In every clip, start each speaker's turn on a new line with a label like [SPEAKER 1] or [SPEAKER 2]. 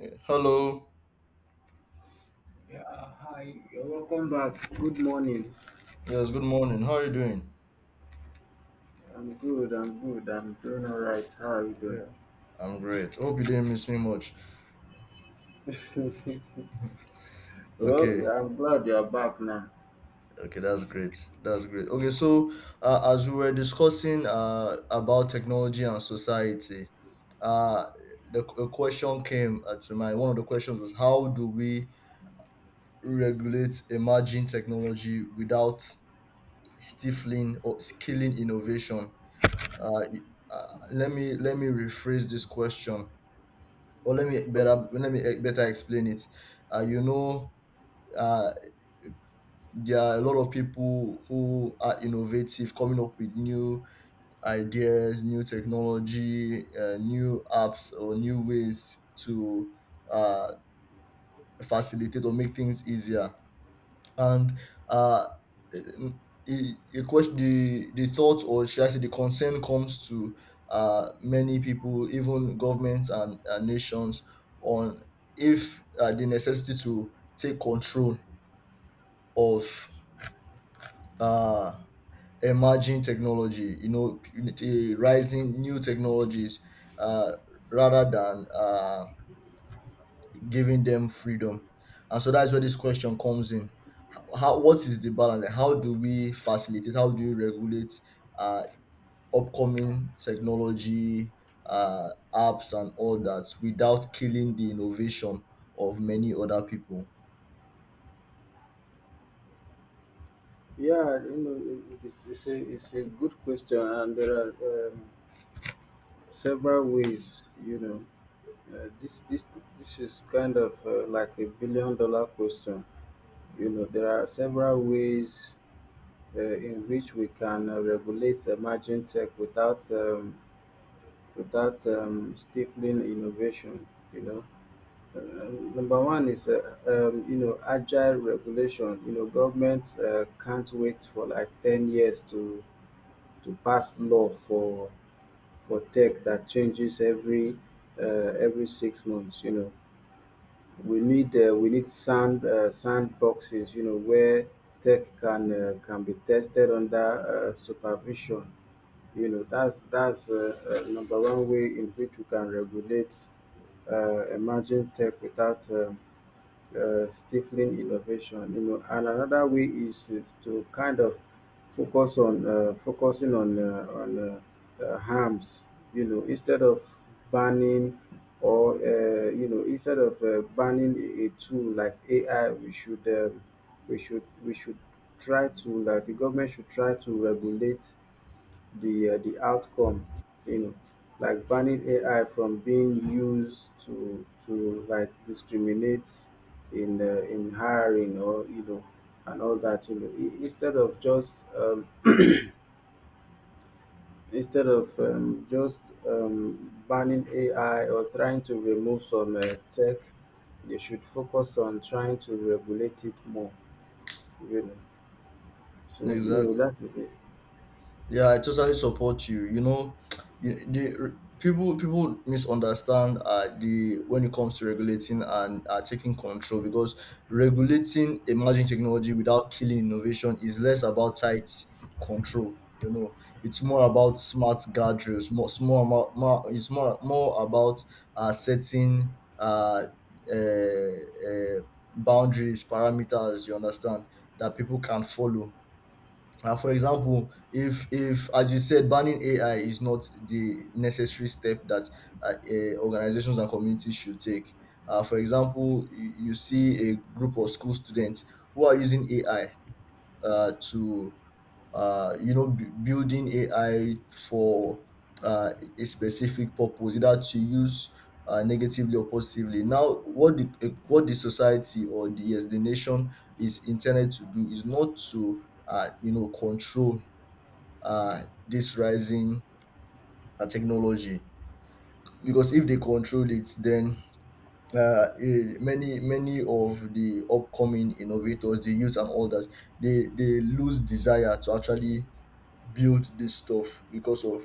[SPEAKER 1] Yeah. Hello.
[SPEAKER 2] Yeah, hi, you're welcome back. Good morning.
[SPEAKER 1] Yes, good morning. How are you doing?
[SPEAKER 2] I'm good, I'm good, I'm doing all right. How are you
[SPEAKER 1] Yeah. I'm great. Hope you didn't miss me much.
[SPEAKER 2] doing? Well,
[SPEAKER 1] Okay.
[SPEAKER 2] I'm glad you're back now.
[SPEAKER 1] Okay, that's great. That's great. Okay, so as we were discussing about technology and society, uh, the a question came to mind. One of the questions was, how do we regulate emerging technology without stifling or killing innovation? Uh, let me rephrase this question. Or Let me better explain it. Uh, you know, uh, there are a lot of people who are innovative, coming up with new ideas, new technology, new apps, or new ways to uh, facilitate or make things easier. and uh, a question, the thought, or should I say the concern, comes to many people, even governments and nations, on if the necessity to take control of uh, emerging technology, you know, the rising new technologies, uh, rather than giving them freedom. And so that's where this question comes in. How What is the balance? Like, how do we facilitate? How do we regulate uh, upcoming technology, apps, and all that without killing the innovation of many other people?
[SPEAKER 2] Yeah, you know, it's a good question, and there are several ways, you know. Uh, this, this, this is kind of like a $1 billion question. You know, there are several ways in which we can regulate emerging tech without stifling innovation. You know, #1 is you know agile regulation. You know, governments can't wait for like 10 years to pass law for tech that changes every 6 months. You know, we need sandboxes. You know, where tech can be tested under supervision. You know, that's #1 way in which we can regulate emerging tech without stifling innovation, you know. And another way is to kind of focusing on harms, you know, instead of banning, or you know, instead of banning a tool like AI. We should we should we should try to, like, the government should try to regulate the outcome, you know, like banning AI from being used to like discriminate in hiring, or you know, and all that, you know. I- instead of just banning AI or trying to remove some tech, they should focus on trying to regulate it more, you know. So you know,
[SPEAKER 1] Exactly.
[SPEAKER 2] that is it.
[SPEAKER 1] Yeah, I totally support you. You know, you, the people people misunderstand the when it comes to regulating and taking control, because regulating emerging technology without killing innovation is less about tight control. You know, it's more about smart guardrails. More, it's more, more, more it's more more about setting uh, uh, uh, boundaries, parameters. You understand, that people can follow. For example, if, as you said, banning AI is not the necessary step that organizations and communities should take. For example, you see a group of school students who are using AI to building AI for a specific purpose, either to use negatively or positively. Now, what the society, or the nation, is intended to do is not to control this rising technology. Because if they control it, then many of the upcoming innovators, the youth and others, they lose desire to actually build this stuff, because of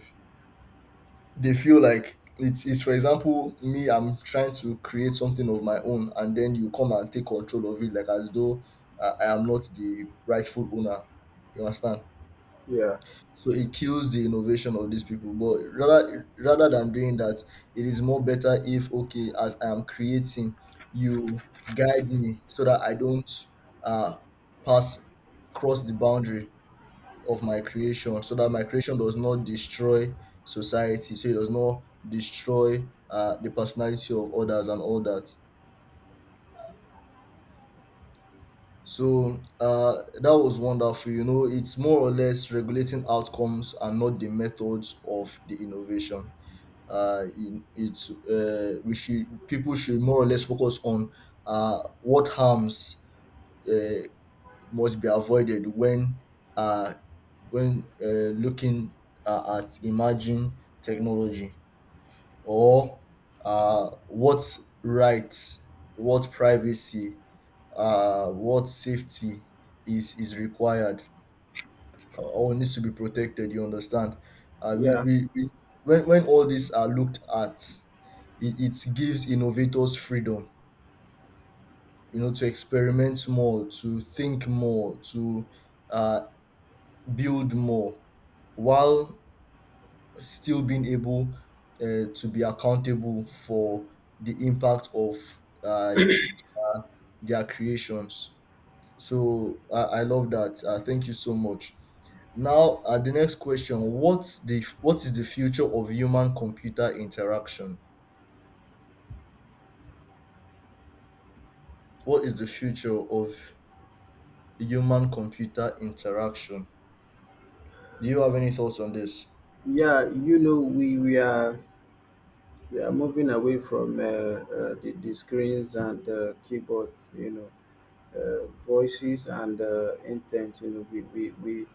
[SPEAKER 1] they feel like it's, for example, me, I'm trying to create something of my own, and then you come and take control of it, like as though I am not the rightful owner. You understand?
[SPEAKER 2] yeah
[SPEAKER 1] So it kills the innovation of these people. But rather than doing that, it is more better if, okay, as I am creating, you guide me so that I don't uh pass cross the boundary of my creation, so that my creation does not destroy society, so it does not destroy the personality of others, and all that. So that was wonderful. You know, it's more or less regulating outcomes and not the methods of the innovation. In, it's We should, people should more or less focus on what harms uh, must be avoided when uh looking at emerging technology, or what rights, what privacy, what safety is required. All needs to be protected. You understand?
[SPEAKER 2] yeah
[SPEAKER 1] We when all these are looked at, it gives innovators freedom. You know, to experiment more, to think more, to uh, build more, while still being able to be accountable for the impact of their creations. So I love that. Thank you so much. Now, the next question: what is the future of human computer interaction? What is the future of human computer interaction? Do you have any thoughts on this?
[SPEAKER 2] yeah You know, we are moving away from the screens and keyboards, you know, voices and intent. You know, we we, we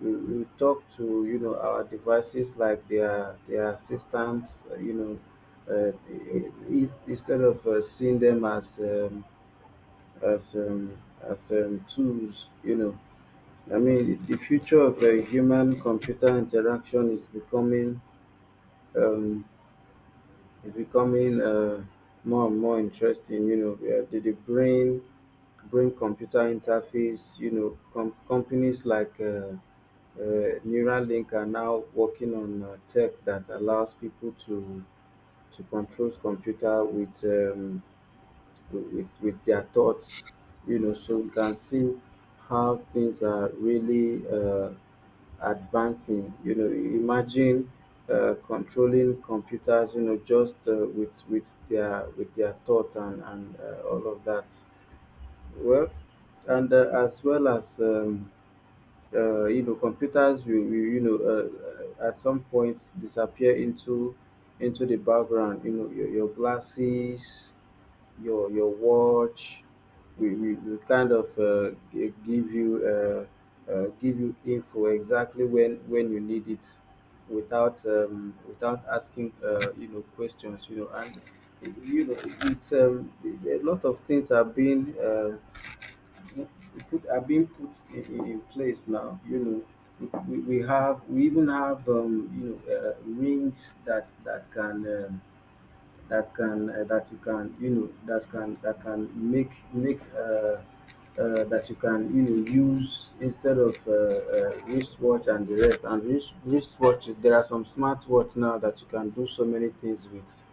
[SPEAKER 2] we we talk to, you know, our devices like their assistants. Uh, i- Instead of seeing them as as um, tools. You know, I mean, the future of human computer interaction is becoming. Um, it's becoming more and more interesting. You know, where they bring computer interface. You know, companies like uh, Neuralink are now working on tech that allows people to control computer with with their thoughts. You know, so we can see how things are really advancing. You know, imagine controlling computers. You know, just with their thought, and all of that. Well, and as well as you know, computers will, you know, at some point disappear into the background. You know, your glasses, your watch. We kind of give you info exactly when you need it, without without asking you know, questions, you know. And you know, it's a lot of things are being put are being put in place now, you know. We even have you know, rings that that can that can that you can, you know, that can make that you can, you know, use instead of wristwatch, and the rest, and wristwatch. There are some smartwatch now that you can do so many things with.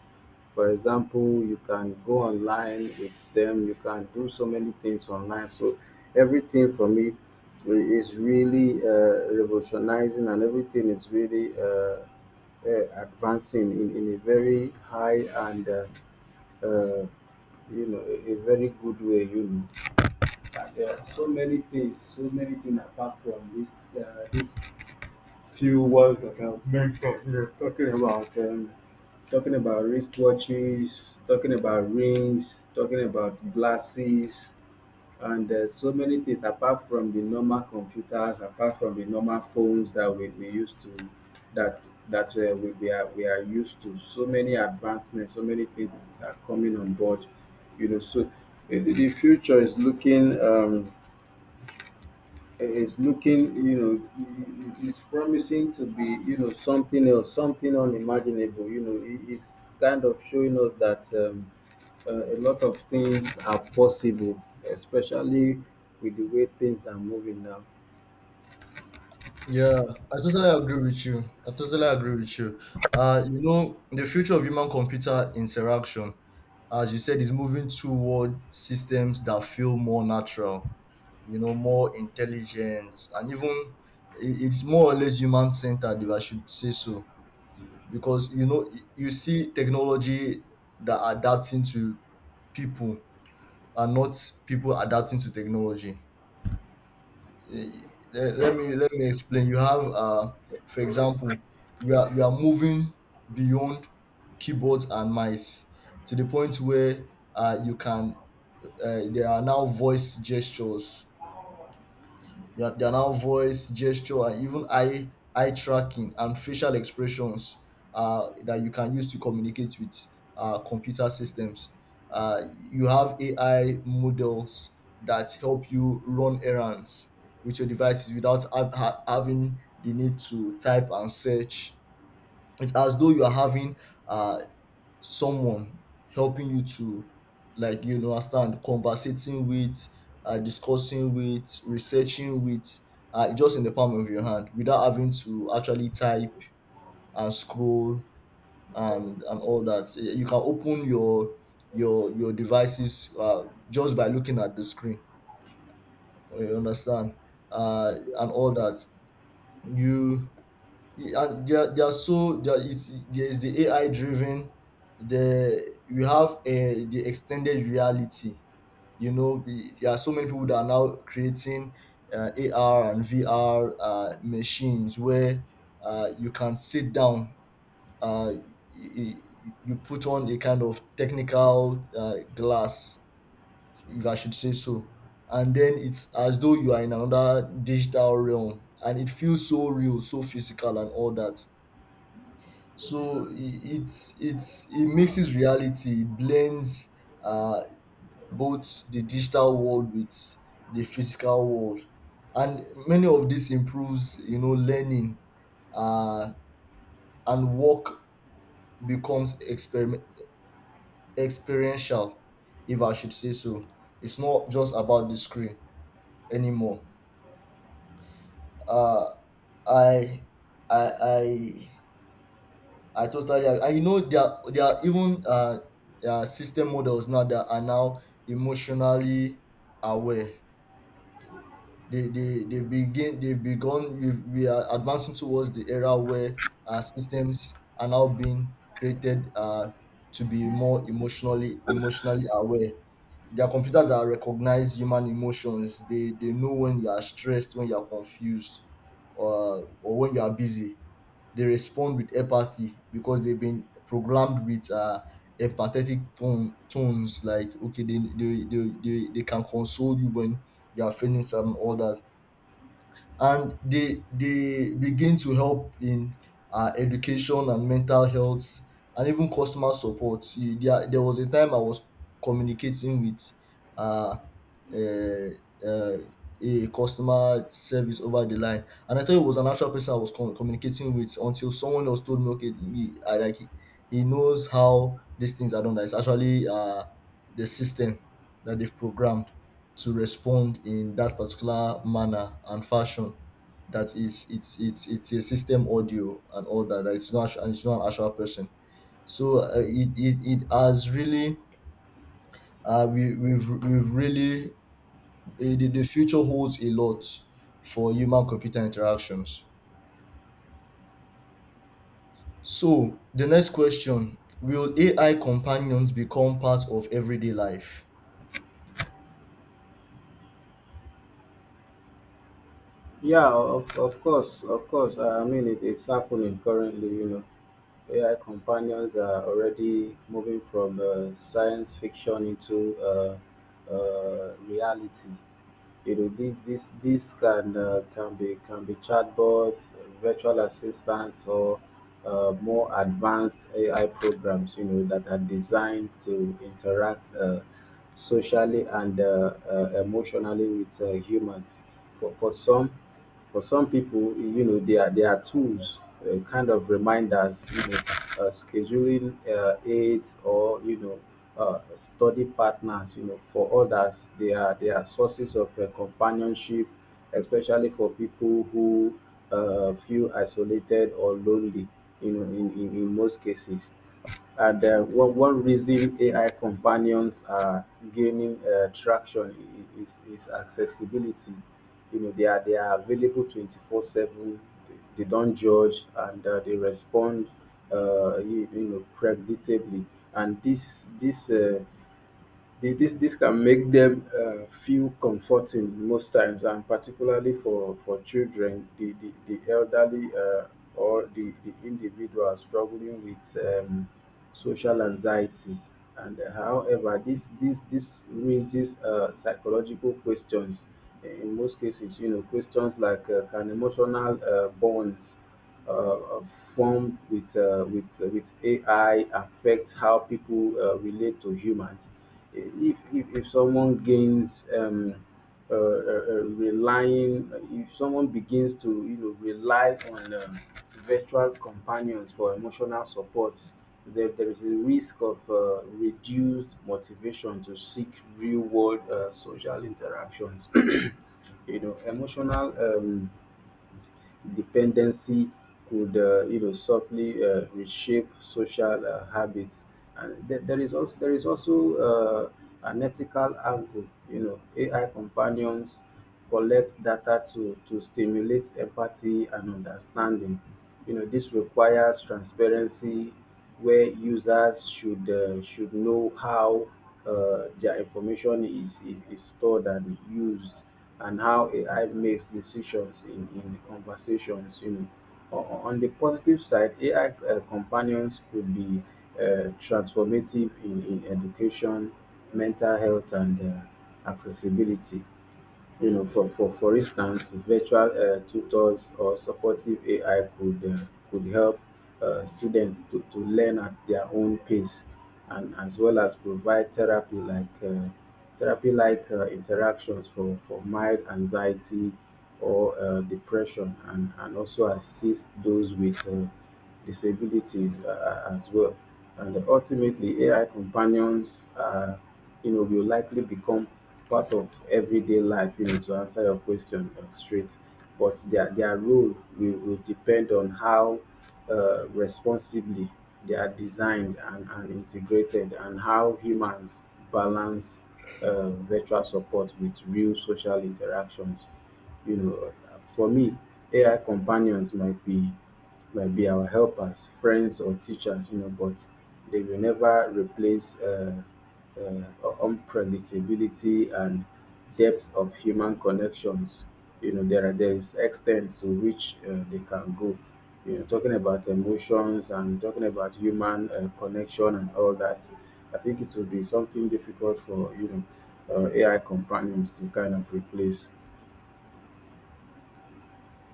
[SPEAKER 2] For example, you can go online with them, you can do so many things online. So everything for me is really revolutionizing, and everything is really advancing in a very high and uh, you know, a very good way, you know. And there are so many things, so many things apart from uh, this few ones that I've mentioned. We're talking about wristwatches, talking about rings, talking about glasses, and so many things apart from the normal computers, apart from the normal phones that we used to, that that we are used to. So many advancements, so many things are coming on board. You know, so the future is looking. It's looking, you know, it's promising to be, you know, something else, something unimaginable. You know, it's kind of showing us that a lot of things are possible, especially with the way things are moving now.
[SPEAKER 1] Yeah, I totally agree with you. I totally agree with you. You know, the future of human computer interaction, as you said, is moving toward systems that feel more natural, you know, more intelligent, and even it's more or less human centered, if I should say so. Because, you know, you see technology that adapting to people, and not people adapting to technology. Let me explain. You have For example, we are moving beyond keyboards and mice to the point where you can there are now voice gestures their now voice, gesture, and even eye tracking and facial expressions that you can use to communicate with computer systems. You have AI models that help you run errands with your devices without having the need to type and search. It's as though you are having uh, someone helping you to, understand, conversating with discussing with, researching with, just in the palm of your hand, without having to actually type and scroll and all that. Eh, you can open your devices just by looking at the screen, you understand, and all that. You Yeah, they are, so there is the AI driven. The You have the extended reality. You know, there are so many people that are now creating AR and VR machines where you can sit down. Uh, you, you put on a kind of technical glass, if I should say so, and then it's as though you are in another digital realm, and it feels so real, so physical, and all that. So it mixes reality. It blends uh, both the digital world with the physical world, and many of this improves, you know, learning, uh, and work, becomes experiment experiential, if I should say so. It's not just about the screen anymore. Uh, I I I I totally agree. And you know, there are even system models now that are now emotionally aware. They begin they've begun. We are advancing towards the era where systems are now being created to be more emotionally aware. Their Computers that recognize human emotions, they know when you are stressed, when you are confused, or when you are busy. They respond with empathy, because they've been programmed with empathetic tones, like, okay, they can console you when you are feeling some others. And they begin to help in education and mental health, and even customer support. There there was a time I was communicating with uh, uh, uh, a customer service over the line, and I thought it was an actual person I was communicating with, until someone else told me, okay, he, I, like he knows how these things are done. That it's actually the system that they've programmed to respond in that particular manner and fashion. That is it's, it's a system audio and all that, that it's not an actual person. So it, it has really we've really the future holds a lot for human computer interactions. So the next question: will AI companions become part of everyday life?
[SPEAKER 2] Yeah, of course, of course. I mean, it, it's happening currently, you know. AI companions are already moving from science fiction into reality. You know, this can can be chatbots, virtual assistants, or more advanced AI programs. You know, that are designed to interact socially and emotionally with humans. For for some for some people, you know, they are tools, kind of reminders, you know, scheduling aids, or you know, study partners. You know, for others, they are sources of companionship, especially for people who feel isolated or lonely. You know, in most cases. And one reason AI companions are gaining traction is accessibility. You know, they are available 24/7, they they don't judge, and they respond, you, you know, predictably. And this can make them feel comforting most times, and particularly for children, the elderly, the individual struggling with social anxiety. And however, this raises psychological questions in most cases, you know. Questions like, can emotional bonds formed with with AI affect how people relate to humans? If someone if someone begins to, you know, rely on virtual companions for emotional support, there is a risk of reduced motivation to seek real world social interactions. You know, emotional, dependency could you know, subtly reshape social habits. And there is also an ethical angle, you know. AI companions collect data to stimulate empathy and understanding. You know, this requires transparency, where users should know how their information is stored and used, and how AI makes decisions in conversations, you know. O- On the positive side, AI companions could be transformative in education, mental health, and accessibility. You know, for instance, virtual tutors or supportive AI could help students to learn at their own pace, and as well as provide therapy like interactions for mild anxiety or depression, and also assist those with disabilities as well. And ultimately, AI companions, you know, will likely become part of everyday life, you know, to answer your question straight. But their role will depend on how responsibly they are designed and integrated, and how humans balance virtual support with real social interactions, you know. For me, ai companions might be our helpers, friends, or teachers, you know, but they will never replace unpredictability and depth of human connections. You know, there is extent to which they can go. You know, talking about emotions, and talking about human connection and all that. I think it will be something difficult for, you know, AI companions to kind of replace.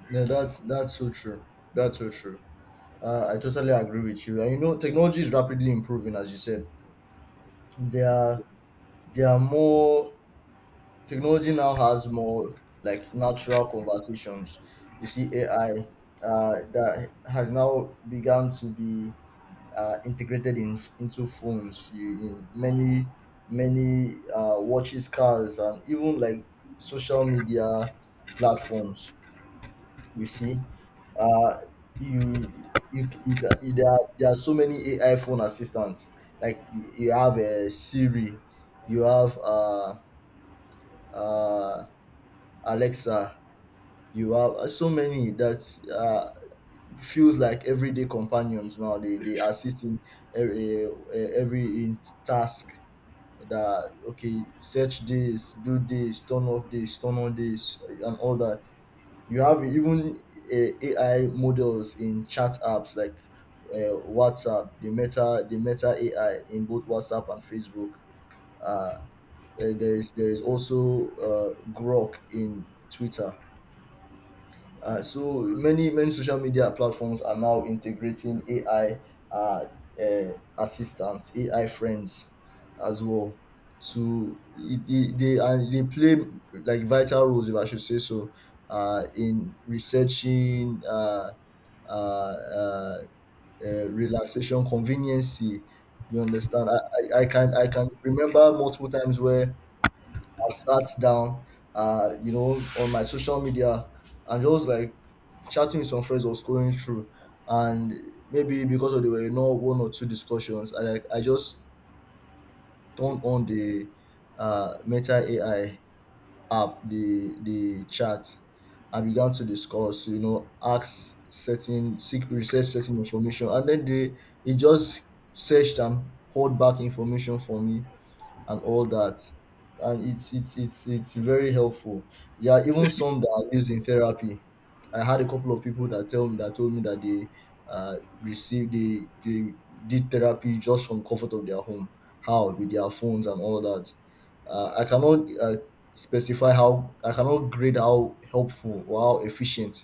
[SPEAKER 1] Yeah That's so true. That's so true. I totally agree with you. And you know, technology is rapidly improving, as you said. There are there are more Technology now has more like natural conversations. You see, AI that has now begun to be integrated in into phones, in many watches, cars, and even like social media platforms. You see, uh, you there are so many AI phone assistants. Like you you have a Siri, you have uh, Alexa, you have so many that uh, feels like everyday companions now. They assist in every in task. That, okay, search this, do this, turn off this, turn on this, and all that. You have even AI models in chat apps like WhatsApp, the Meta AI in both WhatsApp and Facebook. Uh, there is also Grok in Twitter. So many social media platforms are now integrating AI, uh, uh, assistants, AI friends, as well. To it, it, they and They play like vital roles, if I should say so, in researching, uh, uh, relaxation, conveniency. You understand? I can, remember multiple times where I've sat down, you know, on my social media and just like chatting with some friends or scrolling through. And maybe because of there were not one or two discussions, I just turned on the Meta AI app, the chat, and began to discuss. You know, ask certain seek research certain information, and then they it just searched and poured back information for me and all that. And it's very helpful. Yeah, even some that are used in therapy. I had a couple of people that tell me that told me that they received, they did therapy just from comfort of their home, how with their phones and all that. I cannot specify how I cannot grade how helpful or how efficient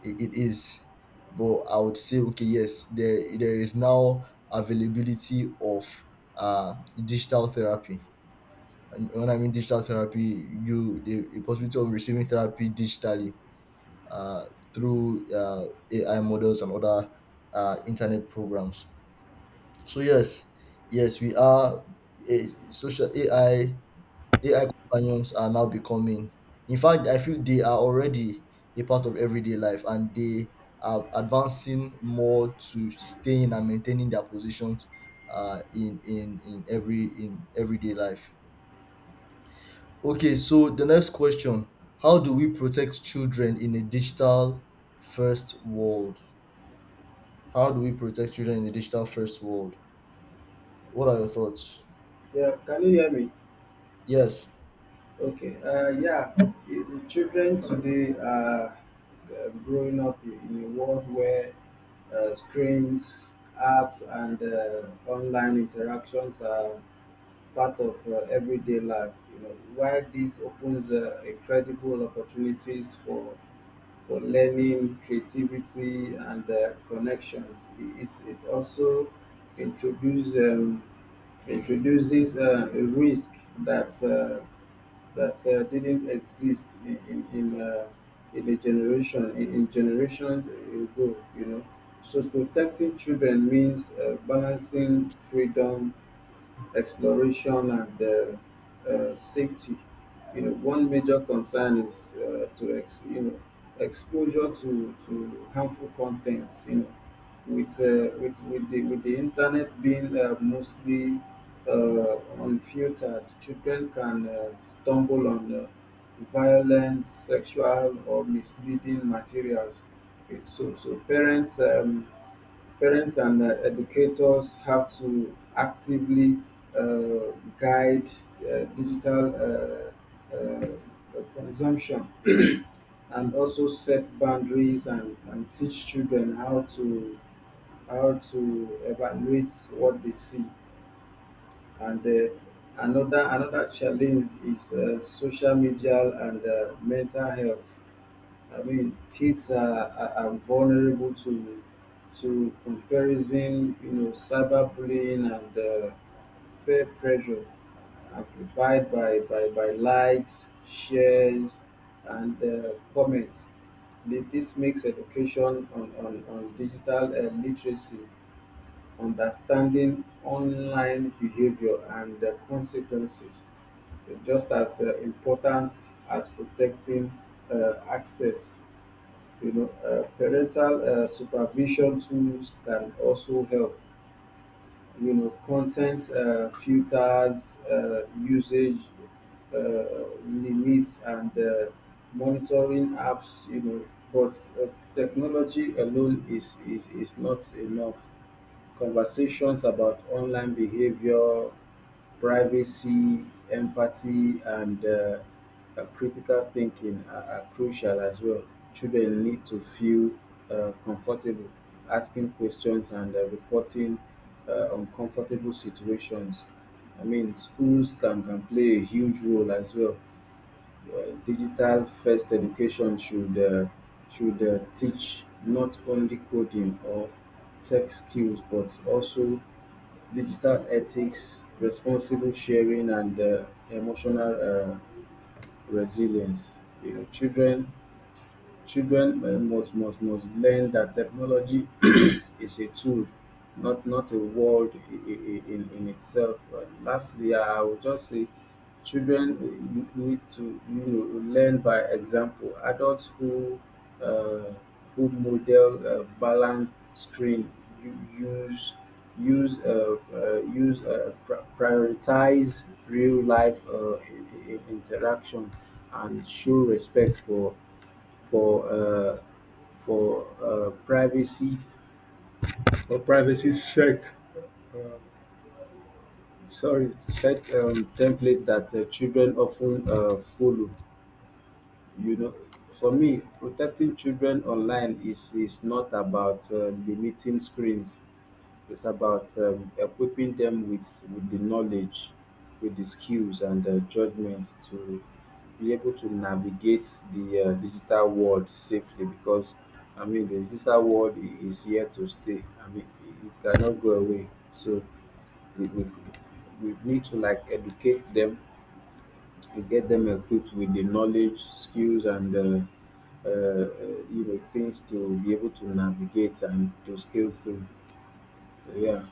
[SPEAKER 1] it is. But I would say okay, yes, there is now availability of uh digital therapy. And when I mean digital therapy, you the, possibility of receiving therapy digitally, uh, through AI models and other internet programs. So yes, yes, we are a social AI AI companions are now becoming. In fact, I feel they are already a part of everyday life, and they are advancing more to staying and maintaining their positions, in everyday life. Okay, so the next question: how do we protect children in a digital first world? How do we protect children in a digital first world? What are your thoughts?
[SPEAKER 2] Yeah, can you hear me?
[SPEAKER 1] Yes.
[SPEAKER 2] Okay, yeah, the children today are growing up in a world where screens, apps, and online interactions are part of everyday life. You know, while this opens incredible opportunities for learning, creativity, and connections, it's also introduce um, introduces a risk that didn't exist in generations ago, you know. So protecting children means balancing freedom, exploration, and safety. You know, one major concern is you know, exposure to harmful content. You know, with with the internet being mostly uh, unfiltered, children can stumble on violent, sexual, or misleading materials. Okay, so so parents. Parents and educators have to actively uh, guide digital consumption, and also set boundaries, and teach children how to evaluate what they see. And another challenge is social media and mental health. I mean, are vulnerable to comparison, you know, cyberbullying, and peer pressure, amplified by likes, shares, and comments. This makes education on digital literacy, understanding online behavior and the consequences, just as important as protecting access, you know. Parental supervision tools can also help. You know, content filters, usage limits, and monitoring apps. You know, but uh, technology alone is not enough. Conversations about online behavior, privacy, empathy, and critical thinking are crucial as well. Children need to feel comfortable asking questions and reporting uncomfortable situations. I mean, schools can play a huge role as well. Digital first education should teach not only coding or tech skills, but also digital ethics, responsible sharing, and emotional resilience. You know, children must learn that technology is a tool, not not a world in itself. Lastly, I would just say children need to, you know, learn by example. Adults uh, who model balanced screen u- use use prioritize real life interaction, and show respect for for uh, for privacy, or privacy sorry, set template that children often follow. You know, for me, protecting children online is not about limiting screens. It's about equipping them with the knowledge, with the skills, and the judgments to be able to navigate the digital world safely. Because I mean, the digital world is here to stay. I mean, it cannot go away. So we, we, we need to like educate them, and get them equipped with the knowledge, skills, and you know, things to be able to navigate and to scale through. So, yeah.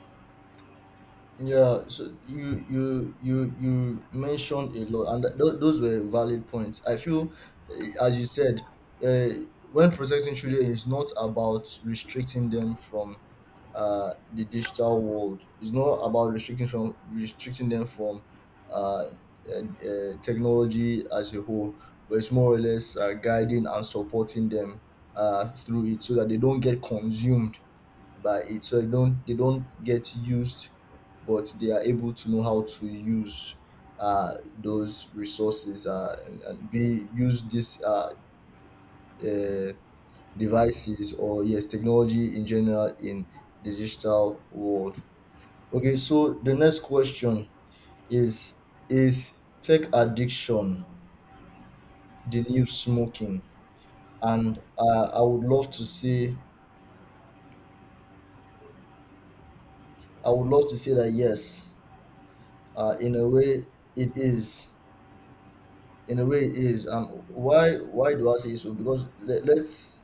[SPEAKER 1] Yeah, so you mentioned a lot, and those were valid points. I feel, eh, as you said, uh, when protecting children is not about restricting them from the digital world. It's not about restricting them from uh, uh, technology as a whole, but it's more or less guiding and supporting them through it so that they don't get consumed by it, so they don't get used, but they are able to know how to use those resources, and be use these uh, devices, or yes, technology in general, in the digital world. Okay, so the next question is tech addiction the new smoking? And I would love to say, that yes, in a way it is, in a way it is. Why do I say so? Because let's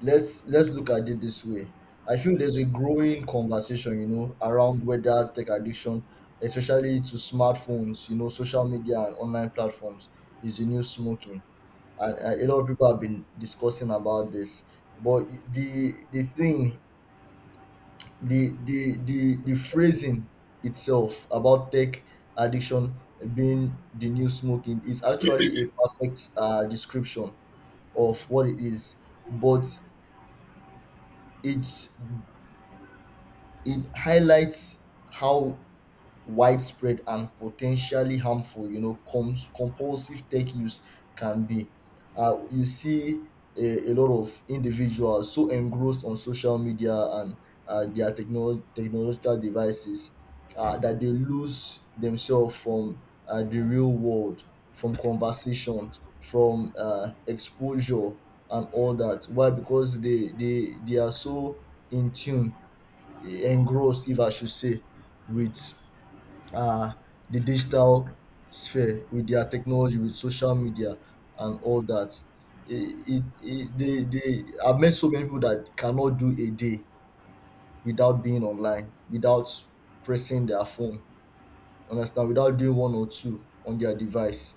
[SPEAKER 1] let's let's look at it this way. I feel there's a growing conversation, you know, around whether tech addiction, especially to smartphones, you know, social media and online platforms, is the new smoking. And a lot of people have been discussing about this. But the thing the phrasing itself about tech addiction being the new smoking is actually a perfect description of what it is. But it it highlights how widespread and potentially harmful, you know, comes compulsive tech use can be. You see a lot of individuals so engrossed on social media and their technological devices, that they lose themselves from the real world, from conversations, from exposure and all that. Why? Because they are so in tune, engrossed if I should say, with uh, the digital sphere, with their technology, with social media and all that. I've met so many people that cannot do a day without being online, without pressing their phone, understand, without doing one or two on their device.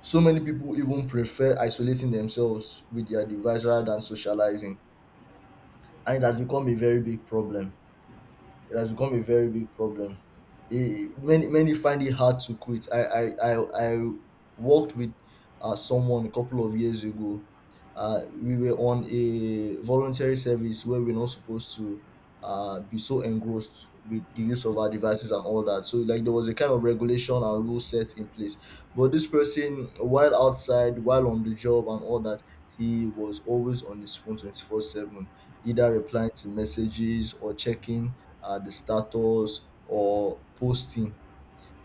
[SPEAKER 1] So many people even prefer isolating themselves with their device rather than socializing. And it has become a very big problem. It has become a very big problem. Eh, many many find it hard to quit. I worked with someone a couple of years ago. We were on a voluntary service where we're not supposed to be so engrossed with the use of our devices and all that. So like there was a kind of regulation and rule set in place. But this person, while outside, while on the job and all that, he was always on his phone 24/7, either replying to messages or checking the status or posting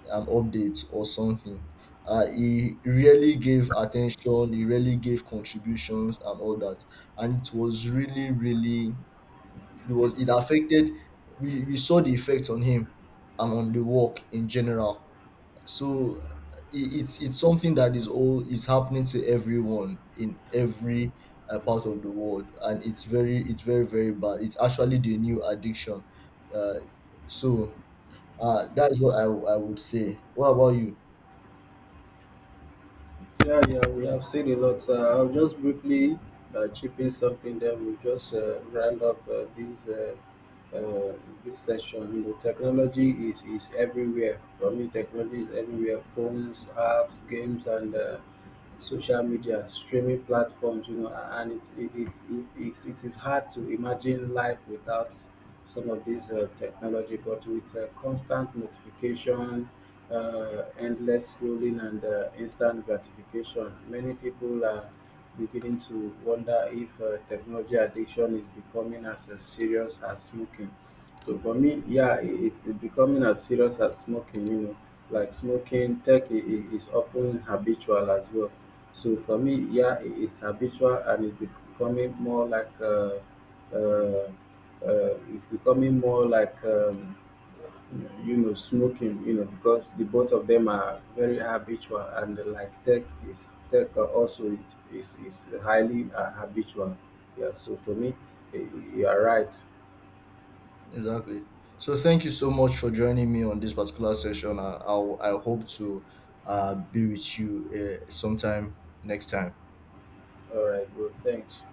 [SPEAKER 1] an update or something. He really gave attention, he really gave contributions and all that. And it was really, really, it affected, we saw the effect on him and on the work in general. So it's something that is is happening to everyone in every part of the world. And it's very, very bad. It's actually the new addiction. Uh, so that's what I would say. What about you?
[SPEAKER 2] Yeah, yeah, we have seen a lot. I'll just briefly chip in something that will just round up uh, this session. You know, technology is everywhere. I mean, technology is everywhere. Phones, apps, games, and social media, streaming platforms, you know. And it's it is hard to imagine life without some of these technology. But with constant notification, endless scrolling, and instant gratification, many people are beginning to wonder if technology addiction is becoming as serious as smoking. So for me, yeah, it, it's becoming as serious as smoking, you know. Like smoking, tech is often habitual as well. So for me, yeah, it's habitual, and it's becoming more like, uh, it's becoming more like, you know, smoking, you know, because the both of them are very habitual. And like tech are also is highly habitual. Yeah, so for me, you are right.
[SPEAKER 1] Exactly. So thank you so much for joining me on this particular session. I hope to be with you sometime next time.
[SPEAKER 2] All right, good, thanks.